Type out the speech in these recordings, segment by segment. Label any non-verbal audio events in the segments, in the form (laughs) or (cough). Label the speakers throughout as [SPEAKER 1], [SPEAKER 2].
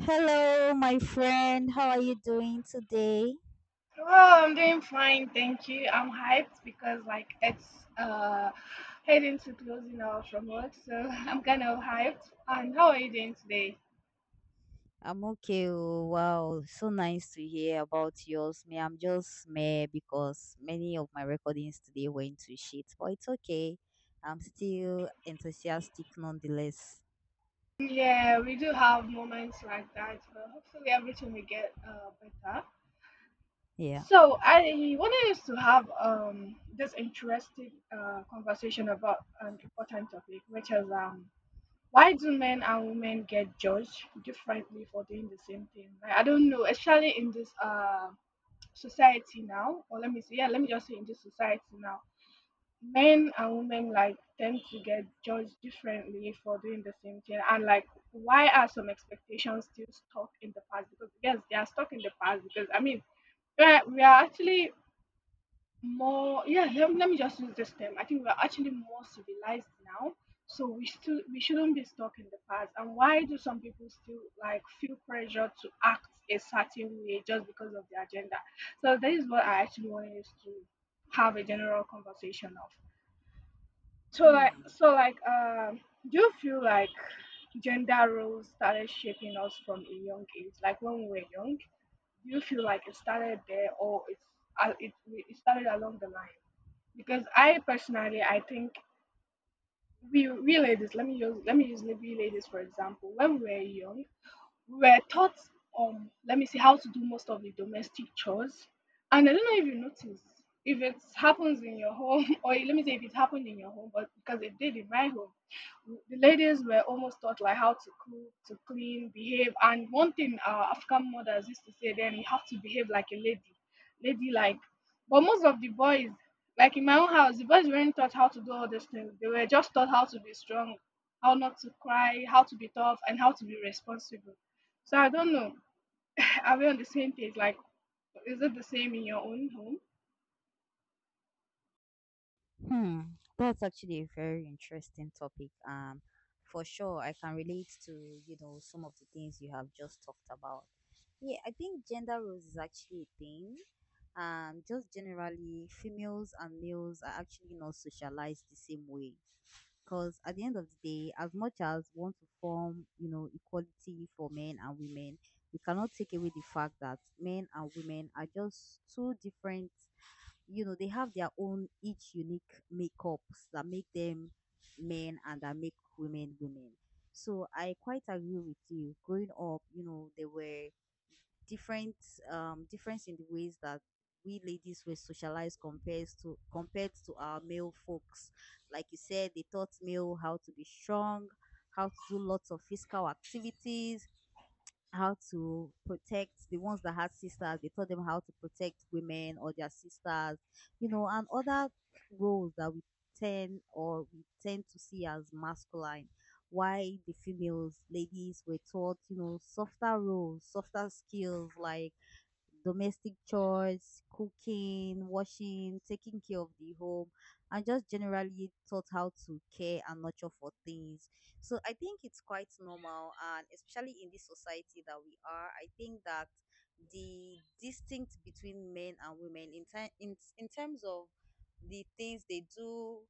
[SPEAKER 1] Hello, my friend. How are you doing today?
[SPEAKER 2] Oh, I'm doing fine, thank you. I'm hyped because like it's uh heading to closing hour from work, so (laughs) I'm kind of hyped. And how are you doing today?
[SPEAKER 1] I'm okay. Oh, wow, so nice to hear about yours. Me, I'm just meh because many of my recordings today went to shit, but it's okay. I'm still enthusiastic nonetheless.
[SPEAKER 2] Yeah, we do have moments like that, but hopefully everything will get better.
[SPEAKER 1] Yeah.
[SPEAKER 2] So I wanted us to have this interesting conversation about an important topic, which is why do men and women get judged differently for doing the same thing? Like, I don't know, especially in this society now, or let me say, yeah, let me just say in this society now, men and women like tend to get judged differently for doing the same thing. And like, why are some expectations still stuck in the past? Because yes, they are stuck in the past. Because I mean, we are actually more, yeah, let me just use this term. I think we're actually more civilized now, so we shouldn't be stuck in the past. And why do some people still like feel pressure to act a certain way just because of their gender? So that is what I actually wanted us to have a general conversation of. so like
[SPEAKER 1] Hmm.
[SPEAKER 2] so like um do you feel like gender roles started shaping us from a young age, like when we were young? Do you feel like it started there, or it's it started along the line? Because I personally I think we ladies, let me use maybe ladies for example. When we were young, we were taught, let me see, how to do most of the domestic chores. And I don't know if you notice, if it happens in your home (laughs) or let me say if it happened in your home, but because it did in my home, the ladies were almost taught like how to cook, to clean, behave. And one thing our African mothers used to say then, you have to behave like a lady. Ladylike. But most of the boys, like in my own house, the boys weren't taught how to do all these things. They were just taught how to be strong, how not to cry, how to be tough, and how to be responsible. So I don't know. (laughs) Are we on the same page? Like, is it the same in your own home?
[SPEAKER 1] Hmm, that's actually a very interesting topic. For sure, I can relate to, you know, some of the things you have just talked about. Yeah, I think gender roles is actually a thing. Just generally, females and males are actually not socialized the same way. Because at the end of the day, as much as we want to form, you know, equality for men and women, we cannot take away the fact that men and women are just two different, you know, they have their own each unique makeups that make them men and that make women women. So I quite agree with you. Growing up, you know, there were different, difference in the ways that we ladies were socialized compared to our male folks. Like you said, they taught male how to be strong, how to do lots of physical activities, how to protect the ones that had sisters. They taught them how to protect women or their sisters, you know, and other roles that we tend or we tend to see as masculine. Why the females, ladies were taught, you know, softer roles, softer skills like domestic chores, cooking, washing, taking care of the home, and just generally taught how to care and nurture for things. So I think it's quite normal, and especially in this society that we are, I think that the distinct between men and women in terms of the things they do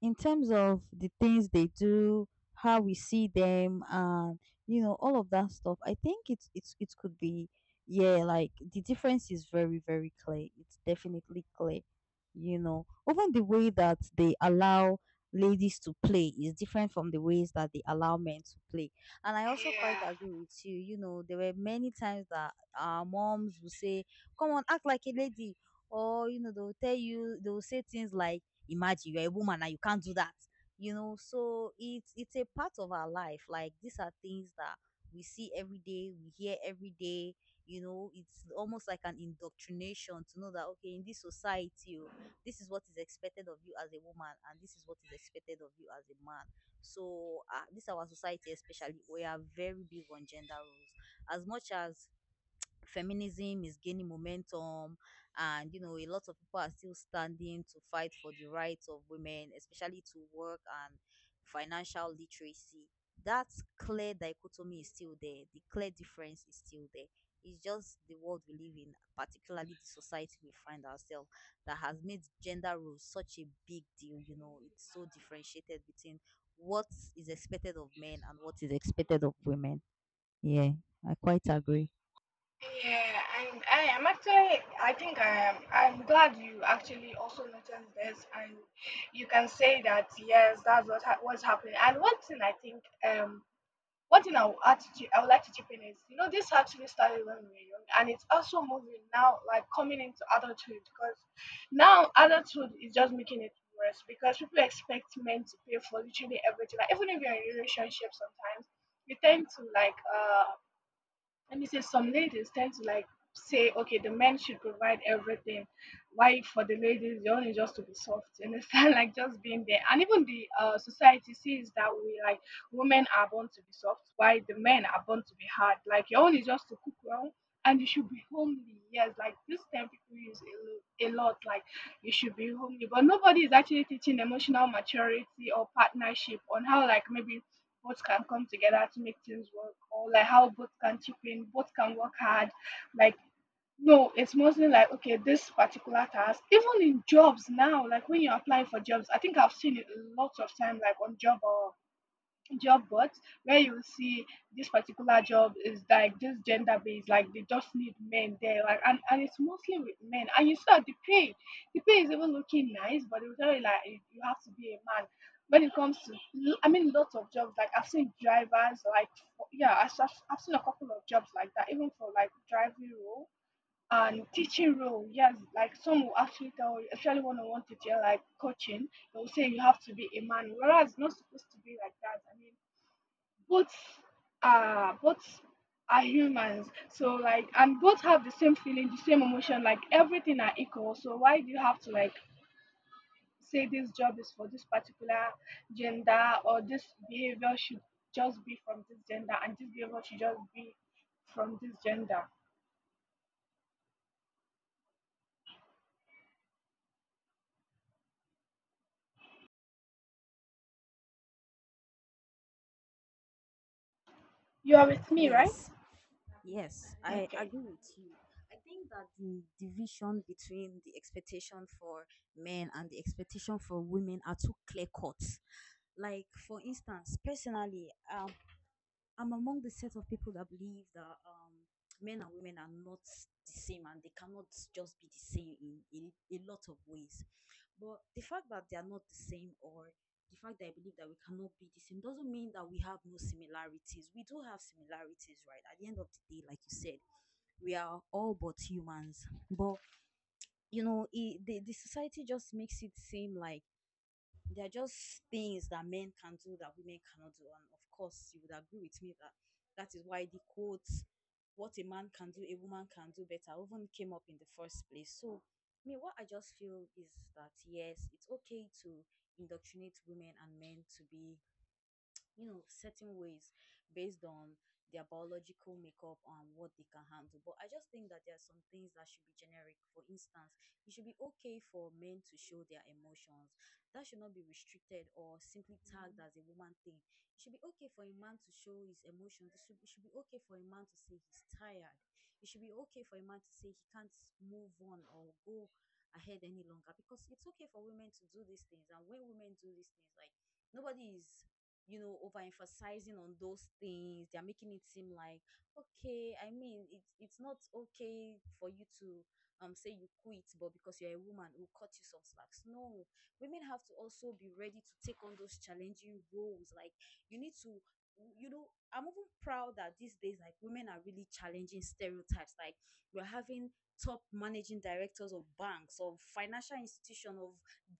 [SPEAKER 1] in terms of the things they do, how we see them, and you know all of that stuff. I think it's it could be, yeah, like the difference is very, very clear. It's definitely clear, you know. Even the way that they allow ladies to play is different from the ways that they allow men to play. And I also quite
[SPEAKER 2] Yeah,
[SPEAKER 1] agree with you. You know, there were many times that our moms would say, "Come on, act like a lady." Or you know they'll tell you they'll say things like, imagine you're a woman and you can't do that. You know, so it's a part of our life. Like, these are things that we see every day, we hear every day. You know, it's almost like an indoctrination to know that, okay, in this society, oh, this is what is expected of you as a woman and this is what is expected of you as a man. So this our society, especially, we are very big on gender roles. As much as feminism is gaining momentum, and you know a lot of people are still standing to fight for the rights of women, especially to work and financial literacy, that clear dichotomy is still there, the clear difference is still there. It's just the world we live in, particularly the society we find ourselves, that has made gender roles such a big deal. You know, it's so differentiated between what is expected of men and what is expected of women. Yeah, I quite agree.
[SPEAKER 2] yeah, and I am actually. I think I am. I'm glad you actually also noticed this, and you can say that yes, that's what what's happening. And one thing I think, um one thing I would add to I would like to chip in is, you know, this actually started when we were young, and it's also moving now, like coming into adulthood, because now adulthood is just making it worse, because people expect men to pay for literally everything. Like even if you're in a relationship, sometimes you tend to like let me say, some ladies tend to like say, okay, the men should provide everything. Why for the ladies, the only just to be soft, you understand? (laughs) Like just being there. And even the society sees that we like women are born to be soft, why the men are born to be hard. Like your own is just to cook well and you should be homely. Yes, like this term people use a lot, like you should be homely. But nobody is actually teaching emotional maturity or partnership on how, like maybe both can come together to make things work, or like how both can chip in, both can work hard. Like no, it's mostly like okay, this particular task, even in jobs now, like when you apply for jobs, I think I've seen it lots of time, like on job or job boards, where you see this particular job is like this gender based, like they just need men there, like and it's mostly with men. And you see that the pay is even looking nice, but they will tell you like you have to be a man. When it comes to, I mean, lots of jobs like I've seen drivers, like yeah, I've seen a couple of jobs like that, even for like driving role and teaching role. Yes, like some will actually tell you, especially one on one teacher, like coaching, they'll say you have to be a man, whereas it's not supposed to be like that. I mean both are, both are humans. So like and both have the same feeling, the same emotion, like everything are equal. So why do you have to like say this job is for this particular gender, or this behavior should just be from this gender and this behavior should just be from this gender? You are with me, right?
[SPEAKER 1] Yes. Yes, I
[SPEAKER 2] Okay.
[SPEAKER 1] agree with you. I think that the division between the expectation for men and the expectation for women are too clear cut. Like, for instance, personally, I'm among the set of people that believe that men and women are not the same and they cannot just be the same in a lot of ways. But the fact that they are not the same or the fact that I believe that we cannot be the same doesn't mean that we have no similarities. We do have similarities, right? At the end of the day, like you said, we are all but humans. But you know, the society just makes it seem like there are just things that men can do that women cannot do. And of course, you would agree with me that that is why the quote, what a man can do, a woman can do better, even came up in the first place. So, me, what I just feel is that, yes, it's okay to indoctrinate women and men to be, you know, certain ways based on their biological makeup and what they can handle. But I just think that there are some things that should be generic. For instance, it should be okay for men to show their emotions. That should not be restricted or simply tagged as a woman thing. It should be okay for a man to show his emotions. It should be okay for a man to say he's tired. It should be okay for a man to say he can't move on or go ahead any longer, because it's okay for women to do these things, and when women do these things, like, nobody is, you know, overemphasizing on those things. They're making it seem like, okay, I mean, it's not okay for you to say you quit, but because you're a woman, we'll cut you some slacks. No, women have to also be ready to take on those challenging roles. Like, you need to, you know, I'm even proud that these days, like, women are really challenging stereotypes. Like, we're having top managing directors of banks, of financial institutions, of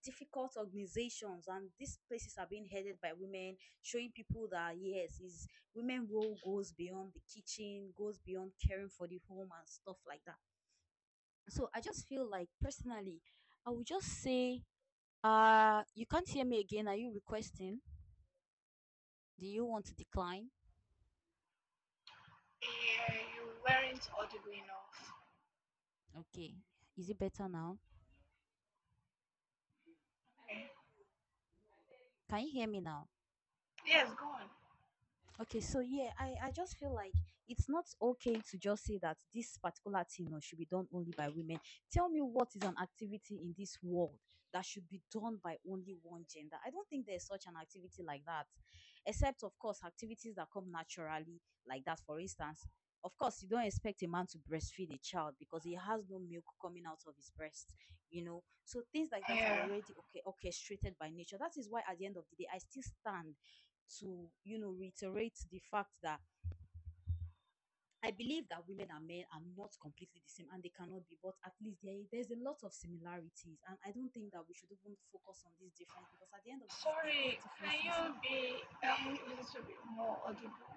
[SPEAKER 1] difficult organizations, and these places are being headed by women, showing people that, yes, is, women role goes beyond the kitchen, goes beyond caring for the home and stuff like that. So I just feel like personally, I would just say, you can't hear me again. Are you requesting? Do you want to decline?
[SPEAKER 2] Yeah, you weren't audible enough.
[SPEAKER 1] Okay. Is it better now?
[SPEAKER 2] Okay,
[SPEAKER 1] Can you hear me now?
[SPEAKER 2] yes, go on.
[SPEAKER 1] Okay, so yeah, I just feel like it's not okay to just say that this particular thing, you know, should be done only by women. Tell me what is an activity in this world that should be done by only one gender. I don't think there's such an activity like that, except, of course, activities that come naturally, like that, for instance. Of course, you don't expect a man to breastfeed a child because he has no milk coming out of his breast, you know. So things like that are
[SPEAKER 2] Yeah,
[SPEAKER 1] already okay orchestrated by nature. That is why at the end of the day, I still stand to, you know, reiterate the fact that I believe that women and men are not completely the same and they cannot be, but at least there's a lot of similarities. And I don't think that we should even focus on this difference because at the end of these days, these
[SPEAKER 2] sorry, can
[SPEAKER 1] differences,
[SPEAKER 2] you be a little bit more audible?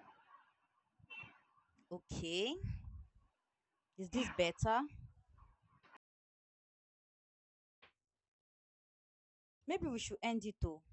[SPEAKER 1] okay, is this
[SPEAKER 2] Yeah.
[SPEAKER 1] better? Maybe we should end it though.